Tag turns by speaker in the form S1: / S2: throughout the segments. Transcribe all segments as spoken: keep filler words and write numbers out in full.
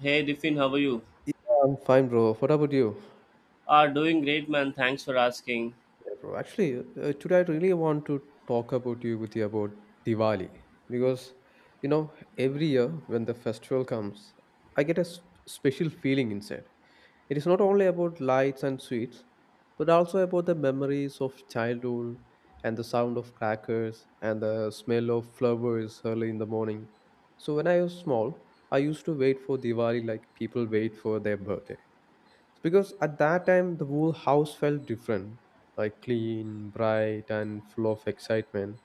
S1: Hey Diffin, how are you?
S2: Yeah, I'm fine, bro. What about you?
S1: Are doing great, man. Thanks for asking.
S2: Yeah, bro. Actually, uh, today I really want to talk about you with you about Diwali because you know every year when the festival comes, I get a s- special feeling inside. It is not only about lights and sweets, but also about the memories of childhood and the sound of crackers and the smell of flowers early in the morning. So when I was small, I used to wait for Diwali like people wait for their birthday. So, because at that time, the whole house felt different, like clean, bright, and full of excitement.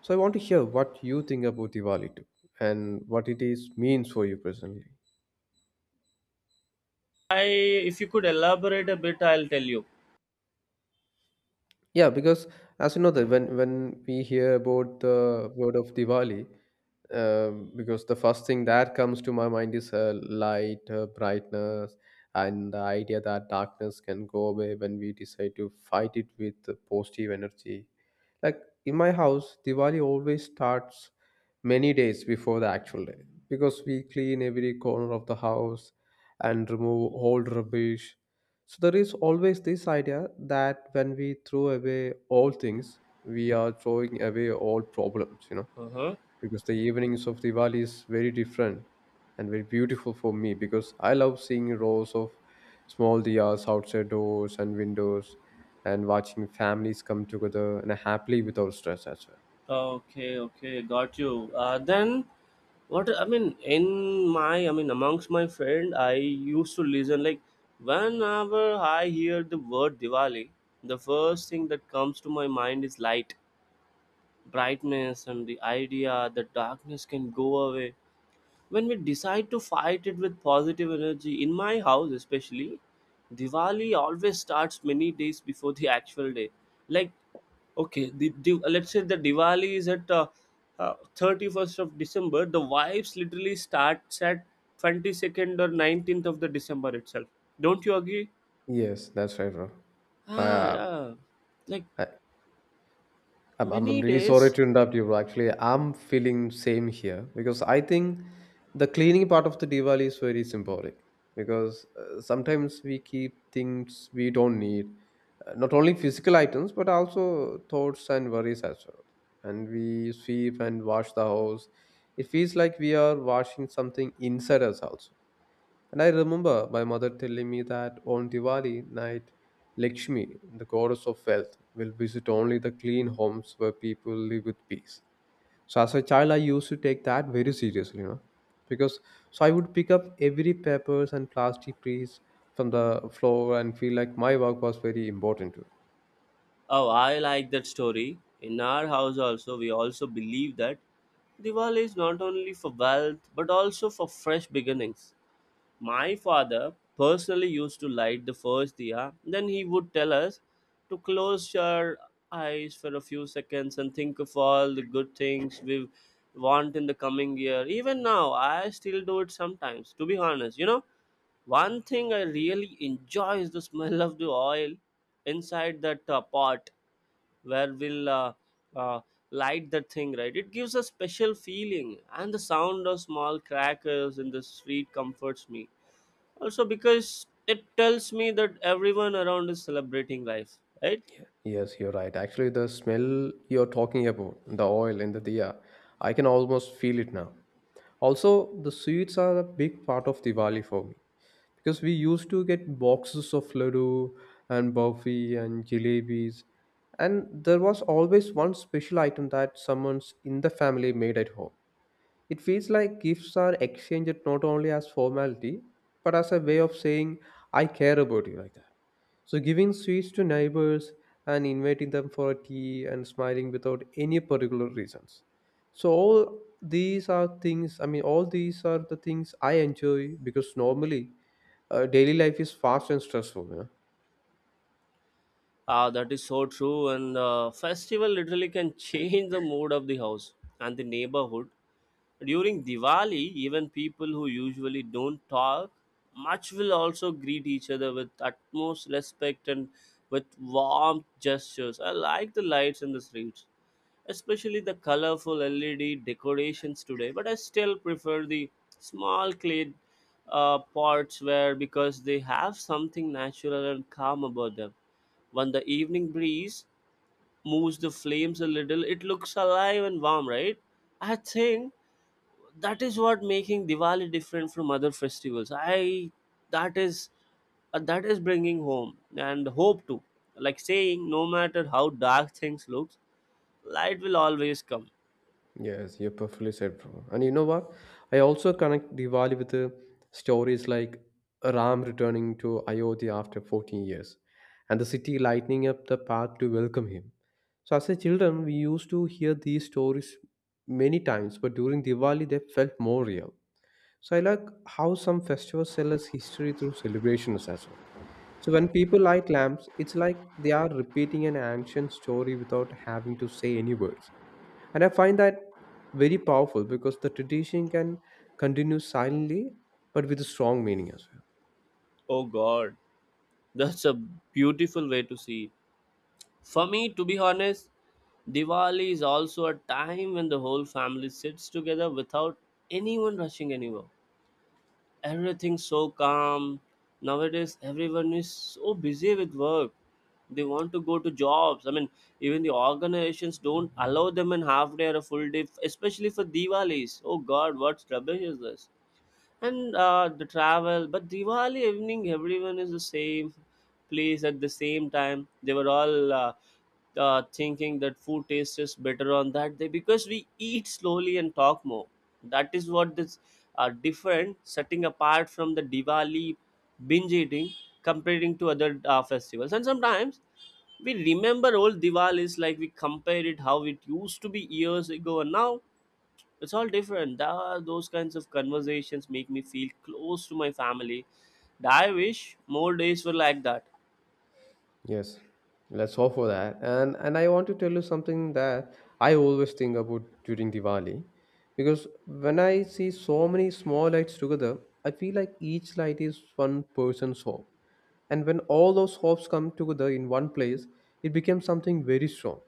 S2: So I want to hear what you think about Diwali too, and what it is means for you personally.
S1: I, if you could elaborate a bit, I'll tell you.
S2: Yeah, because as you know that when when we hear about the word of Diwali, um, because the first thing that comes to my mind is uh, light, uh, brightness, and the idea that darkness can go away when we decide to fight it with uh, positive energy. Like in my house, Diwali always starts many days before the actual day because we clean every corner of the house and remove old rubbish, so there is always this idea that when we throw away all things, we are throwing away all problems, you know,
S1: Uh-huh.
S2: because the evenings of Diwali is very different and very beautiful for me because I love seeing rows of small diyas outside doors and windows and watching families come together and happily without stress as well.
S1: Okay, okay, got you. Uh, then, what I mean in my, I mean amongst my friend, I used to listen like whenever I hear the word Diwali, the first thing that comes to my mind is light, brightness, and the idea that darkness can go away when we decide to fight it with positive energy. In my house especially, Diwali always starts many days before the actual day. Like, okay, the, the let's say the Diwali is at uh, uh, thirty-first of December. The vibes literally starts at twenty-second or nineteenth of the December itself. Don't you agree?
S2: Yes, that's right, bro. I,
S1: Ah,
S2: uh,
S1: yeah. Like
S2: I I'm, I'm I'm
S1: many
S2: really sorry
S1: days.
S2: to interrupt you, bro. Actually, I'm feeling same here because I think the cleaning part of the Diwali is very symbolic because uh, sometimes we keep things we don't need, uh, not only physical items but also thoughts and worries as well. And we sweep and wash the house. It feels like we are washing something inside us also, and I remember my mother telling me that on Diwali night, Lakshmi, the goddess of wealth, will visit only the clean homes where people live with peace. So as a child, I used to take that very seriously, you know, because so I would pick up every papers and plastic piece from the floor and feel like my work was very important too.
S1: Oh, I like that story. In our house also, we also believe that Diwali is not only for wealth but also for fresh beginnings. My father personally used to light the first diya, then he would tell us to close your eyes for a few seconds and think of all the good things we want in the coming year. Even now, I still do it sometimes, to be honest. You know, one thing I really enjoy is the smell of the oil inside that uh, pot where we'll uh, uh, light the thing, right? It gives a special feeling, and the sound of small crackers in the street comforts me also because it tells me that everyone around is celebrating life, right?
S2: Yeah. Yes, you're right. Actually, the smell you're talking about, the oil in the diya, I can almost feel it now. Also, the sweets are a big part of Diwali for me, because we used to get boxes of laddu and burfi and jalebis, and there was always one special item that someone's in the family made at home. It feels like gifts are exchanged not only as formality but as a way of saying I care about you, like that. So, giving sweets to neighbors and inviting them for a tea and smiling without any particular reasons. So, all these are things, I mean, all these are the things I enjoy because normally uh, daily life is fast and stressful. You know?
S1: Ah, that is so true. And the festival literally can change the mood of the house and the neighborhood. During Diwali, even people who usually don't talk much will also greet each other with utmost respect and with warm gestures. I like the lights in the streets, especially the colorful L E D decorations today, but I still prefer the small clay uh, pots, where because they have something natural and calm about them. When the evening breeze moves the flames a little, it looks alive and warm, right? I think that is what making Diwali different from other festivals. I that is uh, That is bringing home and hope too. Like saying, no matter how dark things looks, light will always come.
S2: Yes, you perfectly said, bro. And you know what? I also connect Diwali with the stories like Ram returning to Ayodhya after fourteen years and the city lighting up the path to welcome him. So, as a children, we used to hear these stories many times, but during Diwali, they felt more real. So, I like how some festivals tell us history through celebrations as well. So, when people light lamps, it's like they are repeating an ancient story without having to say any words. And I find that very powerful because the tradition can continue silently but with a strong meaning as well.
S1: Oh God, that's a beautiful way to see it. For me, to be honest, Diwali is also a time when the whole family sits together without anyone rushing anywhere. Everything's so calm. Nowadays everyone is so busy with work, they want to go to jobs, I mean, even the organizations don't allow them in half day or a full day, especially for Diwalis. Oh god, what rubbish is this? And uh, the travel. But Diwali evening everyone is the same place at the same time. They were all uh, uh, thinking that food tastes is better on that day because we eat slowly and talk more. That is what this uh, different setting apart from the Diwali binge eating, comparing to other uh, festivals. And sometimes we remember old Diwalis, like we compare it how it used to be years ago and now it's all different. Tha- those kinds of conversations make me feel close to my family. I wish more days were like that.
S2: Yes, let's hope for that. And and I want to tell you something that I always think about during Diwali, because when I see so many small lights together, I feel like each light is one person's hope. And when all those hopes come together in one place, it becomes something very strong.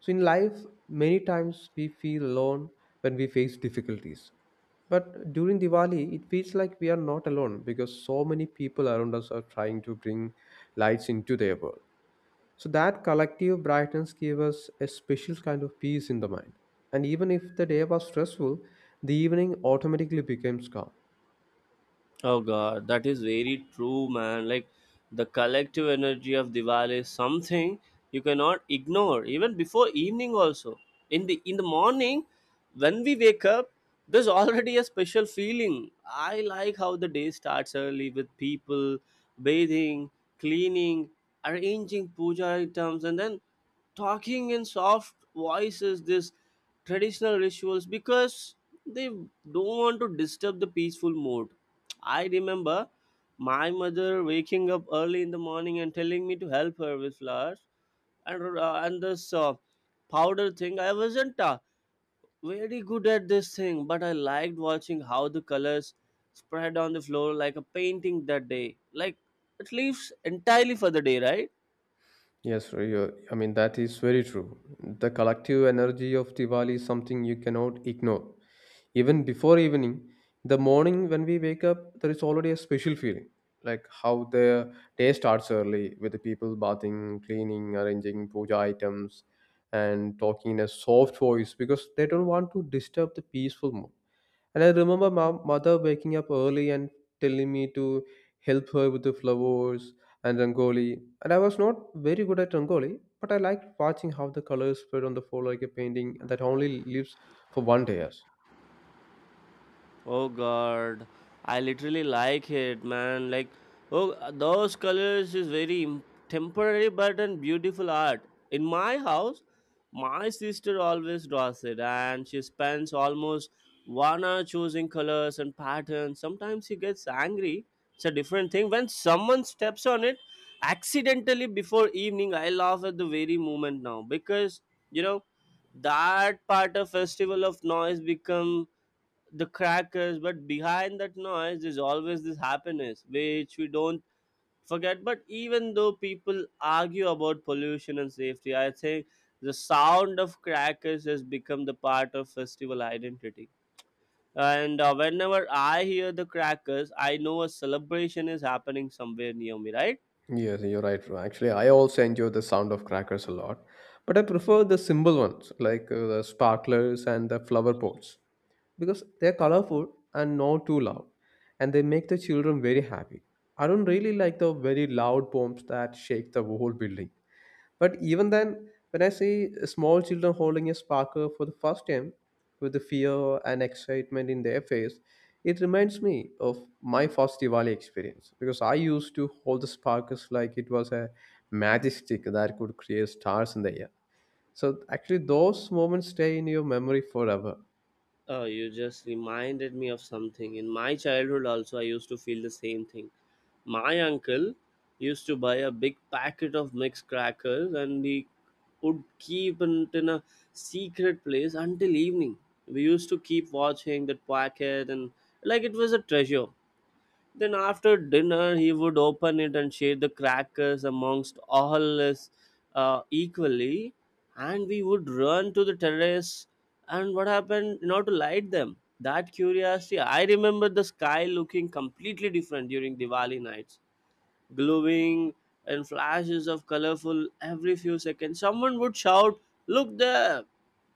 S2: So, in life, many times we feel alone when we face difficulties. But during Diwali, it feels like we are not alone because so many people around us are trying to bring lights into their world. So, that collective brightness gave us a special kind of peace in the mind. And even if the day was stressful, the evening automatically becomes calm.
S1: Oh god, that is very true, man. Like, the collective energy of Diwali is something you cannot ignore. Even before evening also, in the in the morning when we wake up, there's already a special feeling. I like how the day starts early with people bathing, cleaning, arranging puja items, and then talking in soft voices, this traditional rituals, because they don't want to disturb the peaceful mood. I remember my mother waking up early in the morning and telling me to help her with flowers and uh, and this uh, powder thing. I wasn't uh, very good at this thing, but I liked watching how the colors spread on the floor like a painting that day. Like, it leaves entirely for the day, right?
S2: Yes, Roy, you're- I mean, that is very true. The collective energy of Diwali is something you cannot ignore. Even before evening, the morning when we wake up, there is already a special feeling. Like how the day starts early with the people bathing, cleaning, arranging puja items, and talking in a soft voice because they don't want to disturb the peaceful mood. And I remember my mother waking up early and telling me to help her with the flowers and rangoli. And I was not very good at rangoli, but I liked watching how the colors spread on the floor like a painting that only lives for one day. Yes,
S1: Oh god, I literally like it, man. Like, oh, those colors is very im- temporary but and beautiful art. In my house, my sister always draws it, and she spends almost one hour choosing colors and patterns. Sometimes she gets angry. It's a different thing when someone steps on it accidentally before evening. I laugh at the very moment now, because you know that part of festival of noise become the crackers, but behind that noise is always this happiness which we don't forget. But even though people argue about pollution and safety, I think the sound of crackers has become the part of festival identity. And uh, whenever I hear the crackers, I know a celebration is happening somewhere near me, right?
S2: yes you're right, Ro. Actually, I also enjoy the sound of crackers a lot, but I prefer the simple ones, like uh, the sparklers and the flower pots, because they're colorful and not too loud, and they make the children very happy. I don't really like the very loud poems that shake the whole building. But even then, when I see small children holding a sparkler for the first time with the fear and excitement in their face, it reminds me of my first Diwali experience, because I used to hold the sparklers like it was a magic stick that could create stars in the air. So actually, those moments stay in your memory forever.
S1: Oh, you just reminded me of something. In my childhood also, I used to feel the same thing. My uncle used to buy a big packet of mixed crackers, and he would keep it in a secret place until evening. We used to keep watching that packet and like it was a treasure. Then after dinner, he would open it and share the crackers amongst all us uh, equally. And we would run to the terrace. And what happened? Not to light them. That curiosity, I remember the sky looking completely different during Diwali nights, glowing and flashes of colorful every few seconds. Someone would shout, "Look there!"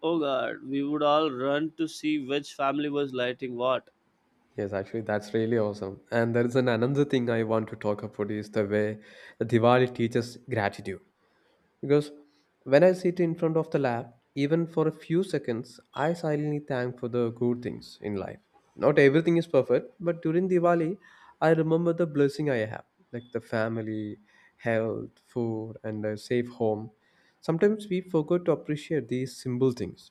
S1: Oh god, we would all run to see which family was lighting what.
S2: Yes, actually, that's really awesome. And there is an another thing I want to talk about is the way the Diwali teaches gratitude. Because when I sit in front of the lap, even for a few seconds, I silently thank for the good things in life. Not everything is perfect, but during Diwali, I remember the blessing I have, like the family, health, food, and a safe home. Sometimes we forget to appreciate these simple things,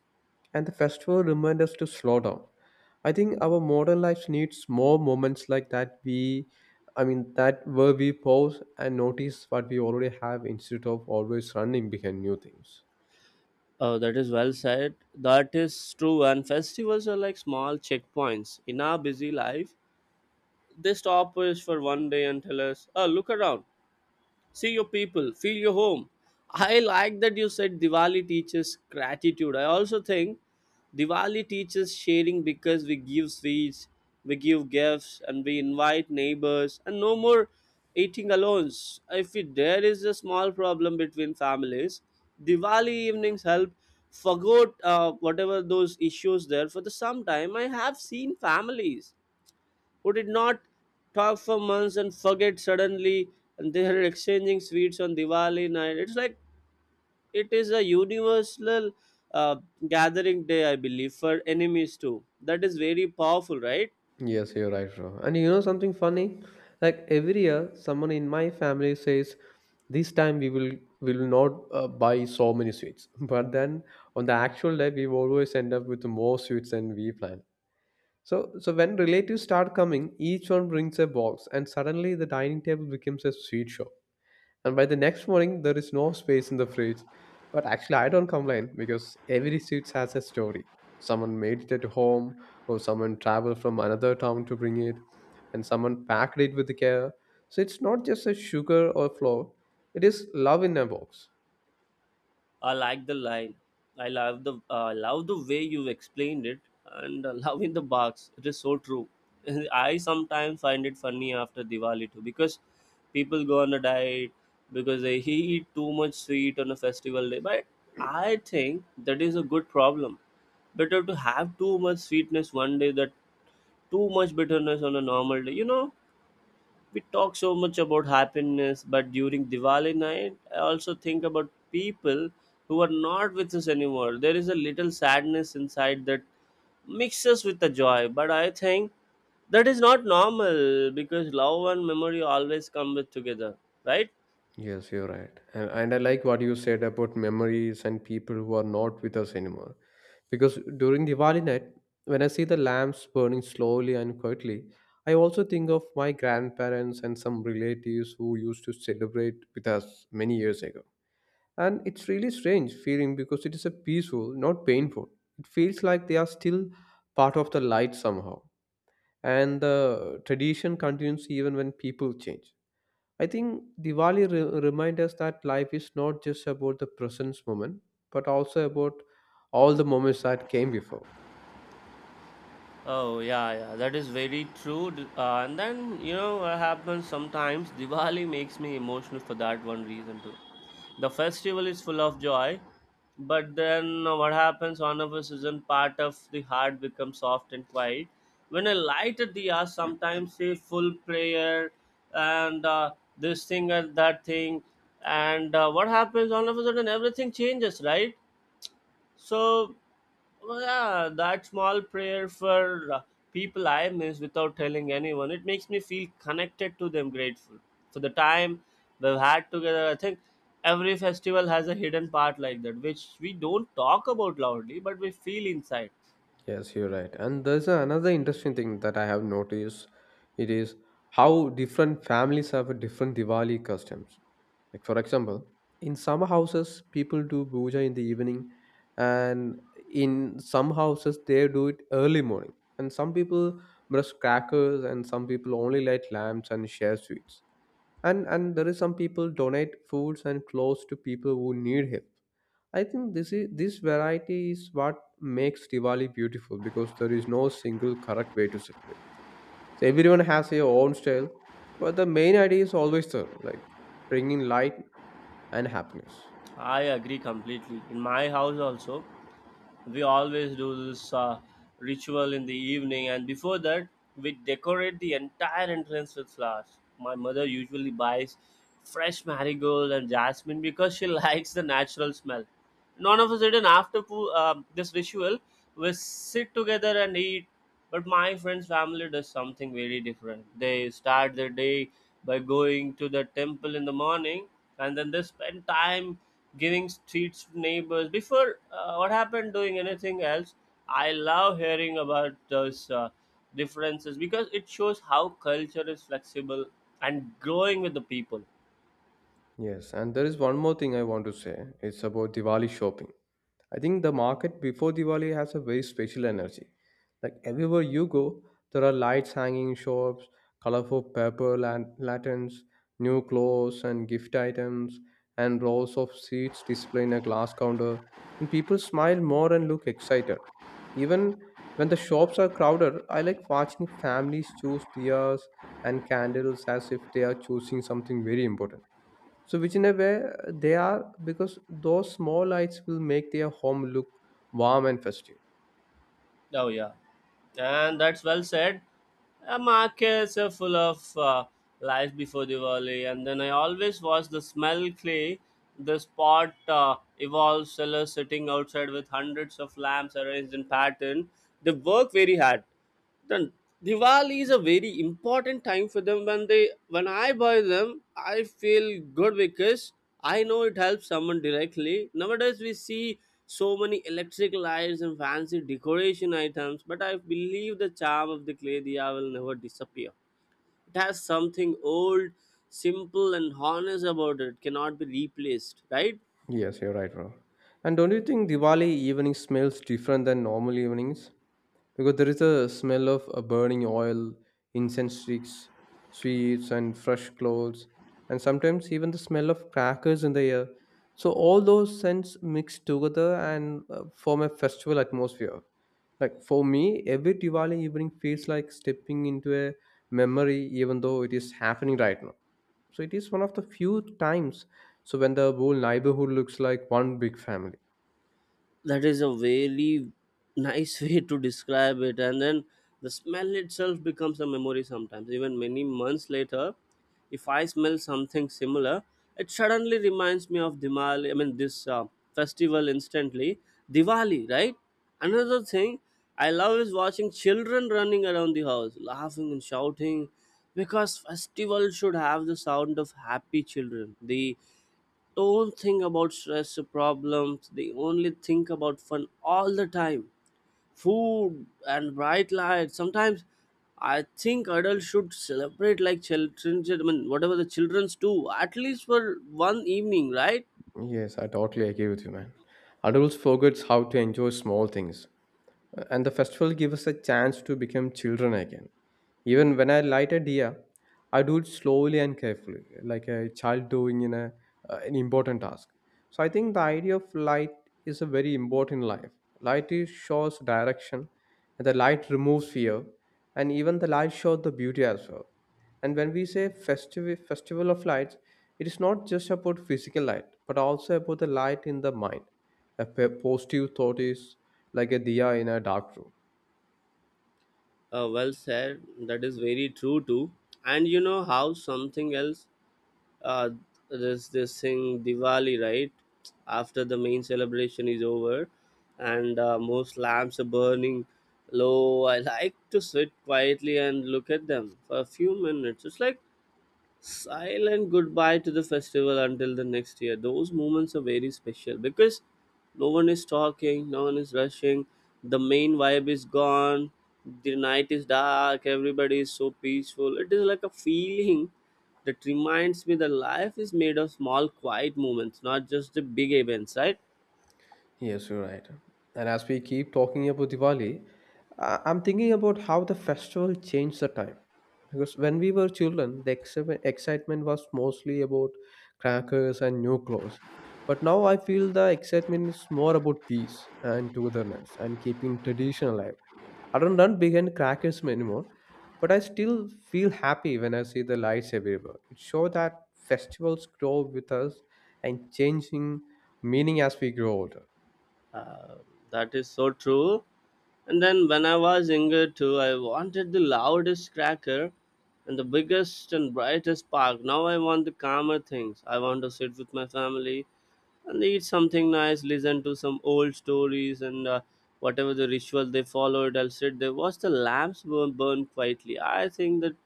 S2: and the festival reminds us to slow down. I think our modern life needs more moments like that. We, I mean, that where we pause and notice what we already have instead of always running behind new things.
S1: Oh, that is well said. That is true, and festivals are like small checkpoints in our busy life. They stop us for one day and tell us, oh, look around. See your people, feel your home. I like that you said Diwali teaches gratitude. I also think Diwali teaches sharing, because we give sweets, we give gifts, and we invite neighbors, and no more eating alone. If it- there is a small problem between families, Diwali evenings help forget uh, whatever those issues there for the some time. I have seen families would it not talk for months and forget suddenly? And they are exchanging sweets on Diwali night. It's like it is a universal uh, gathering day, I believe, for enemies too. That is very powerful, right?
S2: Yes, you're right, bro. And you know something funny? Like every year, someone in my family says, "This time we will will not uh, buy so many sweets." But then on the actual day, we always end up with more sweets than we planned. So, so when relatives start coming, each one brings a box, and suddenly the dining table becomes a sweet shop. And by the next morning, there is no space in the fridge. But actually, I don't complain because every street has a story. Someone made it at home, or someone traveled from another town to bring it, and someone packed it with care. So it's not just a sugar or flour, it is love in a box.
S1: I like the line. I love the uh, love the way you explained it, and uh, love in the box. It is so true. I sometimes find it funny after Diwali too, because people go on a diet because they eat too much sweet on a festival day. But I think that is a good problem. Better to have too much sweetness one day than too much bitterness on a normal day. You know, we talk so much about happiness, but during Diwali night, I also think about people who are not with us anymore. There is a little sadness inside that mixes with the joy, but I think that is not normal because love and memory always come with together, right?
S2: Yes, you're right. And, and I like what you said about memories and people who are not with us anymore. Because during Diwali night, when I see the lamps burning slowly and quietly, I also think of my grandparents and some relatives who used to celebrate with us many years ago. And it's really strange feeling because it is a peaceful, not painful. It feels like they are still part of the light somehow. And the tradition continues even when people change. I think Diwali re- reminds us that life is not just about the present moment, but also about all the moments that came before.
S1: Oh yeah, yeah, that is very true. D- Uh, and then you know what happens sometimes. Diwali makes me emotional for that one reason too. The festival is full of joy, but then uh, what happens? One of us is part of the heart becomes soft and quiet. When I light a diya, sometimes say full prayer and uh, this thing and that thing, and uh, what happens? All of a sudden, everything changes, right? So, well, yeah, that small prayer for uh, people I miss without telling anyone, it makes me feel connected to them, grateful for the time we've had together. I think every festival has a hidden part like that, which we don't talk about loudly, but we feel inside.
S2: Yes, you're right. And there's another interesting thing that I have noticed. It is how different families have a different Diwali customs. Like for example, in some houses people do puja in the evening, and in some houses they do it early morning. And some people brush crackers, and some people only light lamps and share sweets. And and there is some people donate foods and clothes to people who need help. I think this is this variety is what makes Diwali beautiful because there is no single correct way to celebrate. So everyone has their own style, but the main idea is always the like bringing light and happiness.
S1: I agree completely. In my house also, we always do this uh, ritual in the evening, and before that we decorate the entire entrance with flowers. My mother usually buys fresh marigold and jasmine because she likes the natural smell. None of a sudden, after poo- um this ritual, we sit together and eat. But my friend's family does something very different. They start their day by going to the temple in the morning, and then they spend time giving streets to neighbors before uh, what happened doing anything else. I love hearing about those uh, differences because it shows how culture is flexible and growing with the people.
S2: Yes, and there is one more thing I want to say. It's about Diwali shopping. I think the market before Diwali has a very special energy. Like everywhere you go, there are lights hanging in shops, colorful paper lan- lanterns, new clothes and gift items, and rows of sweets displayed in a glass counter. And people smile more and look excited. Even when the shops are crowded, I like watching families choose diyas and candles as if they are choosing something very important so, which in a way uh, they are because those small lights will make their home look warm and festive.
S1: Oh, yeah. And that's well said. Uh, markets are full of uh, life before Diwali, and then I always watch the smell clay. The spot uh, evolves sellers sitting outside with hundreds of lamps arranged in pattern. They work very hard, then Diwali is a very important time for them. When they, when I buy them, I feel good because I know it helps someone directly. Nowadays we see so many electric lights and fancy decoration items, but I believe the charm of the clay diya will never disappear. It has something old, simple and honest about it, cannot be replaced, right?
S2: Yes, you're right, bro. And don't you think Diwali evening smells different than normal evenings? Because there is a smell of uh, burning oil, incense sticks, sweets, and fresh clothes, and sometimes even the smell of crackers in the air. So all those scents mix together and uh, form a festival atmosphere. Like for me, every Diwali evening feels like stepping into a memory, even though it is happening right now. So it is one of the few times so when the whole neighborhood looks like one big family.
S1: That is a very nice way to describe it. And then the smell itself becomes a memory. Sometimes even many months later if I smell something similar, it suddenly reminds me of Dimali, i mean this uh, festival instantly. Diwali, right? Another thing I love is watching children running around the house laughing and shouting, because festival should have the sound of happy children. The don't think about stress or problems. They only think about fun all the time. Food and bright lights. Sometimes I think adults should celebrate like children, I mean, whatever the children's do, at least for one evening, right?
S2: Yes, I totally agree with you, man. Adults forgets how to enjoy small things, uh, and the festival gives us a chance to become children again. Even when I light a deer, I do it slowly and carefully, like a child doing in a uh, an important task. So I think the idea of light is a very important in life. Light is shows direction, and the light removes fear, and even the light shows the beauty as well. And when we say festive, festival of lights, it is not just about physical light, but also about the light in the mind. A p- positive thought is like a diya in a dark room.
S1: Uh, well said. That is very true too. And you know how something else? uh, there's this thing Diwali, right? After the main celebration is over, and uh, most lamps are burning low, I like to sit quietly and look at them for a few minutes. It's like silent goodbye to the festival until the next year. Those moments are very special because no one is talking, no one is rushing, the main vibe is gone, the night is dark, everybody is so peaceful. It is like a feeling that reminds me that life is made of small, quiet moments, not just the big events, right?
S2: Yes, you're right. And as we keep talking about Diwali, I- I'm thinking about how the festival changed the time. Because when we were children, the exci- excitement was mostly about crackers and new clothes. But now I feel the excitement is more about peace and togetherness and keeping tradition alive. I don't run behind crackers anymore, but I still feel happy when I see the lights everywhere. It shows that festivals grow with us and changing meaning as we grow older.
S1: Uh, that is so true. And then when I was younger too, I wanted the loudest cracker and the biggest and brightest spark. Now I want the calmer things. I want to sit with my family and eat something nice, listen to some old stories, and uh, whatever the ritual they followed, I'll sit there, watch the lamps burn, burn quietly. I think that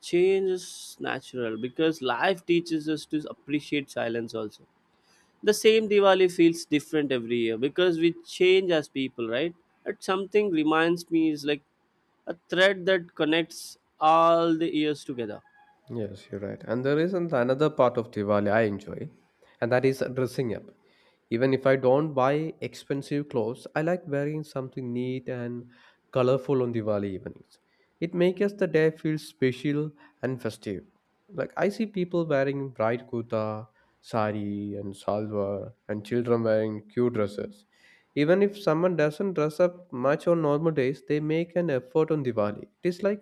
S1: change is natural because life teaches us to appreciate silence also. The same Diwali feels different every year because we change as people, right? But something reminds me is like a thread that connects all the years together.
S2: Yes, you're right. And there is an- another part of Diwali I enjoy, and that is dressing up. Even if I don't buy expensive clothes, I like wearing something neat and colorful on Diwali evenings. It makes the day feel special and festive. Like I see people wearing bright kurta, sari, and salwar, and children wearing cute dresses. Even if someone doesn't dress up much on normal days, they make an effort on Diwali. It is like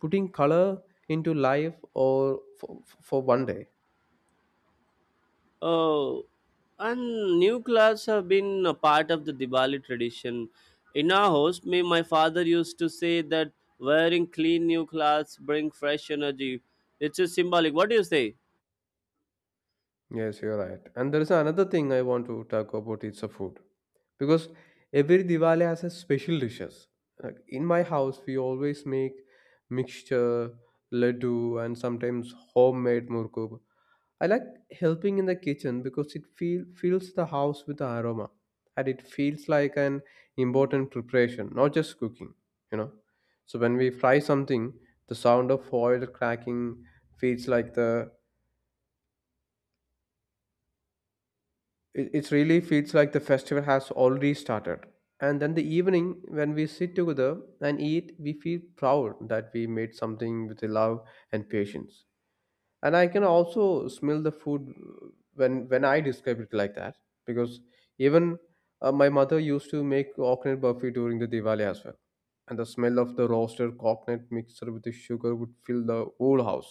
S2: putting color into life or for, for one day.
S1: Oh, and new clothes have been a part of the Diwali tradition. In our house, me, my father used to say that wearing clean new clothes bring fresh energy. It's just symbolic. What do you say?
S2: Yes, you're right. And there is another thing I want to talk about it's a food. Because every Diwali has a special dishes. Like in my house, we always make mixture, laddu, and sometimes homemade murkub. I like helping in the kitchen because it feel, fills the house with the aroma and it feels like an important preparation, not just cooking, you know. So when we fry something, the sound of foil cracking feels like the it, it really feels like the festival has already started. And then the evening when we sit together and eat, we feel proud that we made something with love and patience. And I can also smell the food when when I describe it like that because even uh, my mother used to make coconut burfi during the diwali as well, and the smell of the roasted coconut mixed with the sugar would fill the whole house.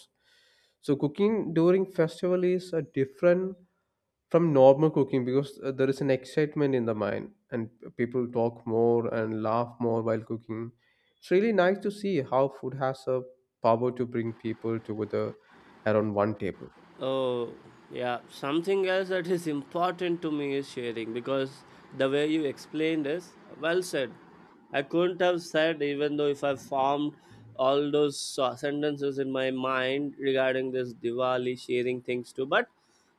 S2: So cooking during festival is a different from normal cooking because uh, there is an excitement in the mind and people talk more and laugh more while cooking. It's really nice to see how food has a power to bring people together around one table.
S1: Oh, yeah. Something else that is important to me is sharing, because the way you explained is well said. I couldn't have said, even though if I formed all those uh, sentences in my mind regarding this Diwali sharing things too, but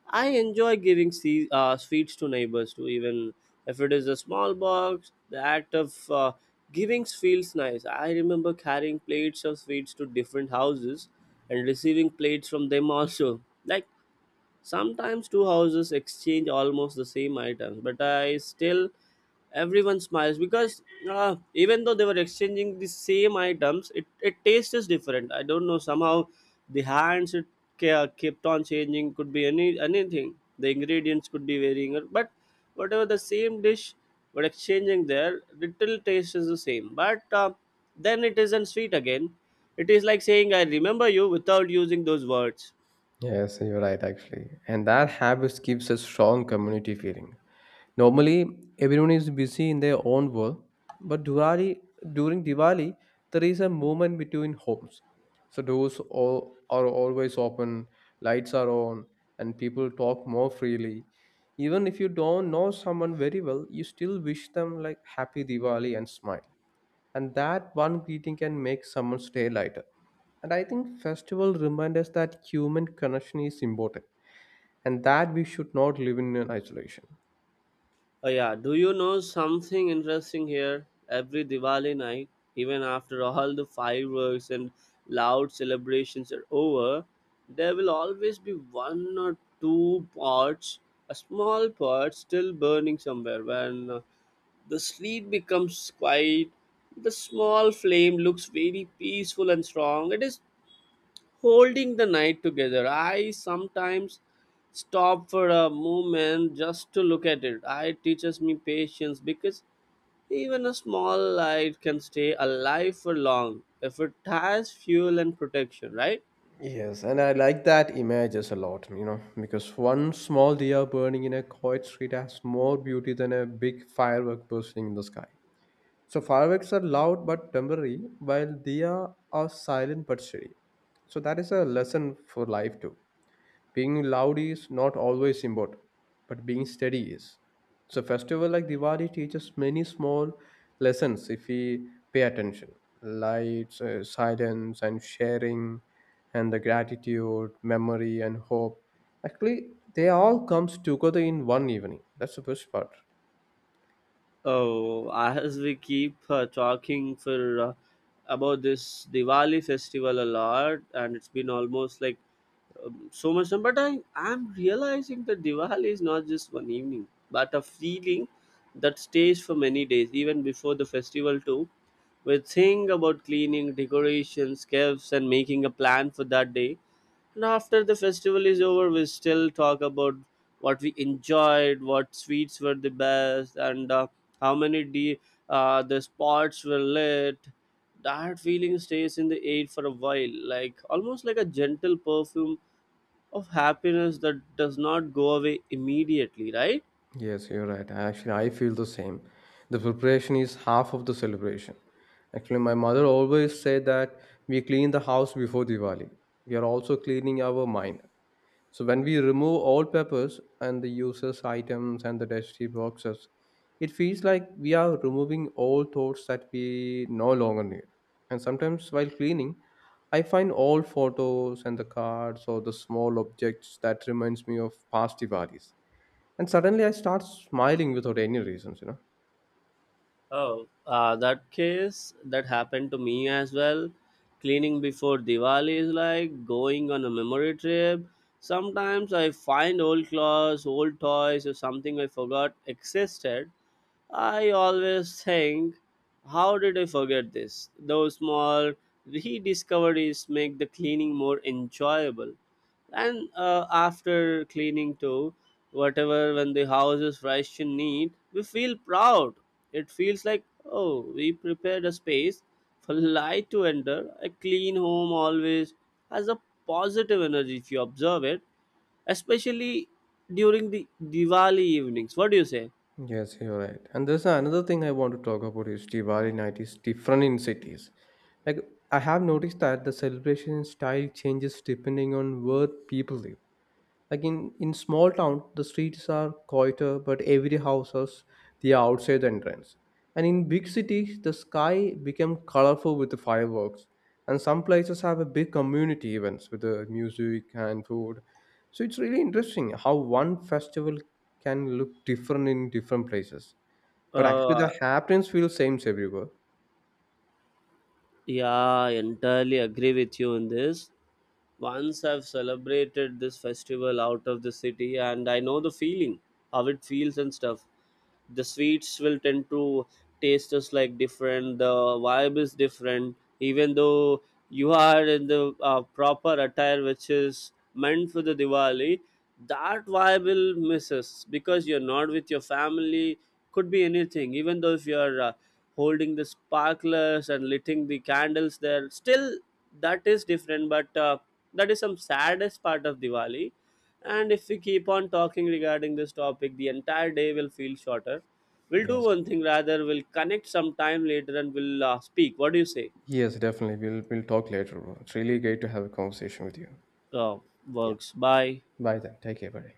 S1: I enjoy giving se- uh, sweets to neighbors too, even if it is a small box. The act of uh, giving feels nice. I remember carrying plates of sweets to different houses and receiving plates from them also. Like, sometimes two houses exchange almost the same items, but I still, everyone smiles because uh, even though they were exchanging the same items, it, it taste is different. I don't know somehow the hands it ca- kept on changing, could be any anything. The ingredients could be varying, or but whatever the same dish were exchanging there, little taste is the same. But uh, then it isn't sweet again. It is like saying I remember you without using those words.
S2: Yes, you're right actually. And that habit gives a strong community feeling. Normally, everyone is busy in their own world, but Diwali, during Diwali, there is a movement between homes. So doors all, are always open, lights are on, and people talk more freely. Even if you don't know someone very well, you still wish them like happy Diwali and smile. And that one greeting can make someone's day lighter. And I think festival remind us that human connection is important and that we should not live in an isolation.
S1: Oh yeah, do you know something interesting here? Every Diwali night, even after all the fireworks and loud celebrations are over, there will always be one or two pots, a small pot still burning somewhere. When uh, the street becomes quiet, the small flame looks very peaceful and strong. It is holding the night together. I sometimes stop for a moment just to look at it. It teaches me patience because even a small light can stay alive for long if it has fuel and protection, right?
S2: Yes, and I like that images a lot, you know, because one small deer burning in a quiet street has more beauty than a big firework bursting in the sky. So fireworks are loud but temporary, while deer are silent but steady. So that is a lesson for life too, being loud is not always important, but being steady is. So festival like Diwali teaches many small lessons if we pay attention. Lights, uh, silence, and sharing, and the gratitude, memory, and hope. Actually, they all comes together in one evening. That's the best part.
S1: Oh, as we keep uh, talking for uh, about this Diwali festival a lot, and it's been almost like um, so much time. But I am realizing that Diwali is not just one evening, but a feeling that stays for many days, even before the festival too. We think about cleaning, decorations, gifts, and making a plan for that day. And after the festival is over, we still talk about what we enjoyed, what sweets were the best, and uh, how many de- uh, the spots were lit. That feeling stays in the air for a while, like almost like a gentle perfume of happiness that does not go away immediately, right?
S2: Yes, you're right. Actually, I feel the same. The preparation is half of the celebration. Actually, my mother always said that we clean the house before Diwali. We are also cleaning our mind. So when we remove all papers and the useless items and the dusty boxes, it feels like we are removing all thoughts that we no longer need. And sometimes while cleaning, I find old photos and the cards or the small objects that reminds me of past Diwalis and suddenly I start smiling without any reasons, you know.
S1: Oh, uh, that case that happened to me as well. Cleaning before Diwali is like going on a memory trip. Sometimes I find old clothes, old toys, or something I forgot existed. I always think, how did I forget this? Those small rediscoveries make the cleaning more enjoyable. And uh, after cleaning too, whatever, when the house is fresh and neat, we feel proud. It feels like, oh, we prepared a space for light to enter. A clean home always has a positive energy if you observe it, especially during the Diwali evenings. What do you say?
S2: Yes, you're right. And there's another thing I want to talk about is Diwali night is different in cities. Like I have noticed that the celebration style changes depending on where people live. Like in, in small town, the streets are quieter, but every house has the outside entrance. And in big cities, the sky became colorful with the fireworks. And some places have a big community events with the music and food. So it's really interesting how one festival can look different in different places. But actually, the
S1: uh,
S2: happenings feel same everywhere.
S1: yeah I entirely agree with you on this. Once I've celebrated this festival out of the city and I know the feeling, how it feels and stuff. The sweets will tend to taste just like different. The vibe is different even though you are in the uh, proper attire which is meant for the Diwali. That vibe will misses because you're not with your family. Could be anything, even though if you're uh, holding the sparklers and lighting the candles, there still that is different. But uh, that is some saddest part of Diwali. And if we keep on talking regarding this topic, the entire day will feel shorter. We'll do
S2: Yes.
S1: one thing rather, we'll connect sometime later and we'll uh, speak. What do you say?
S2: Yes, definitely. We'll we'll talk later, bro. It's really great to have a conversation with you.
S1: Uh,
S2: Yeah.
S1: works. Bye.
S2: Bye then. Take care, buddy.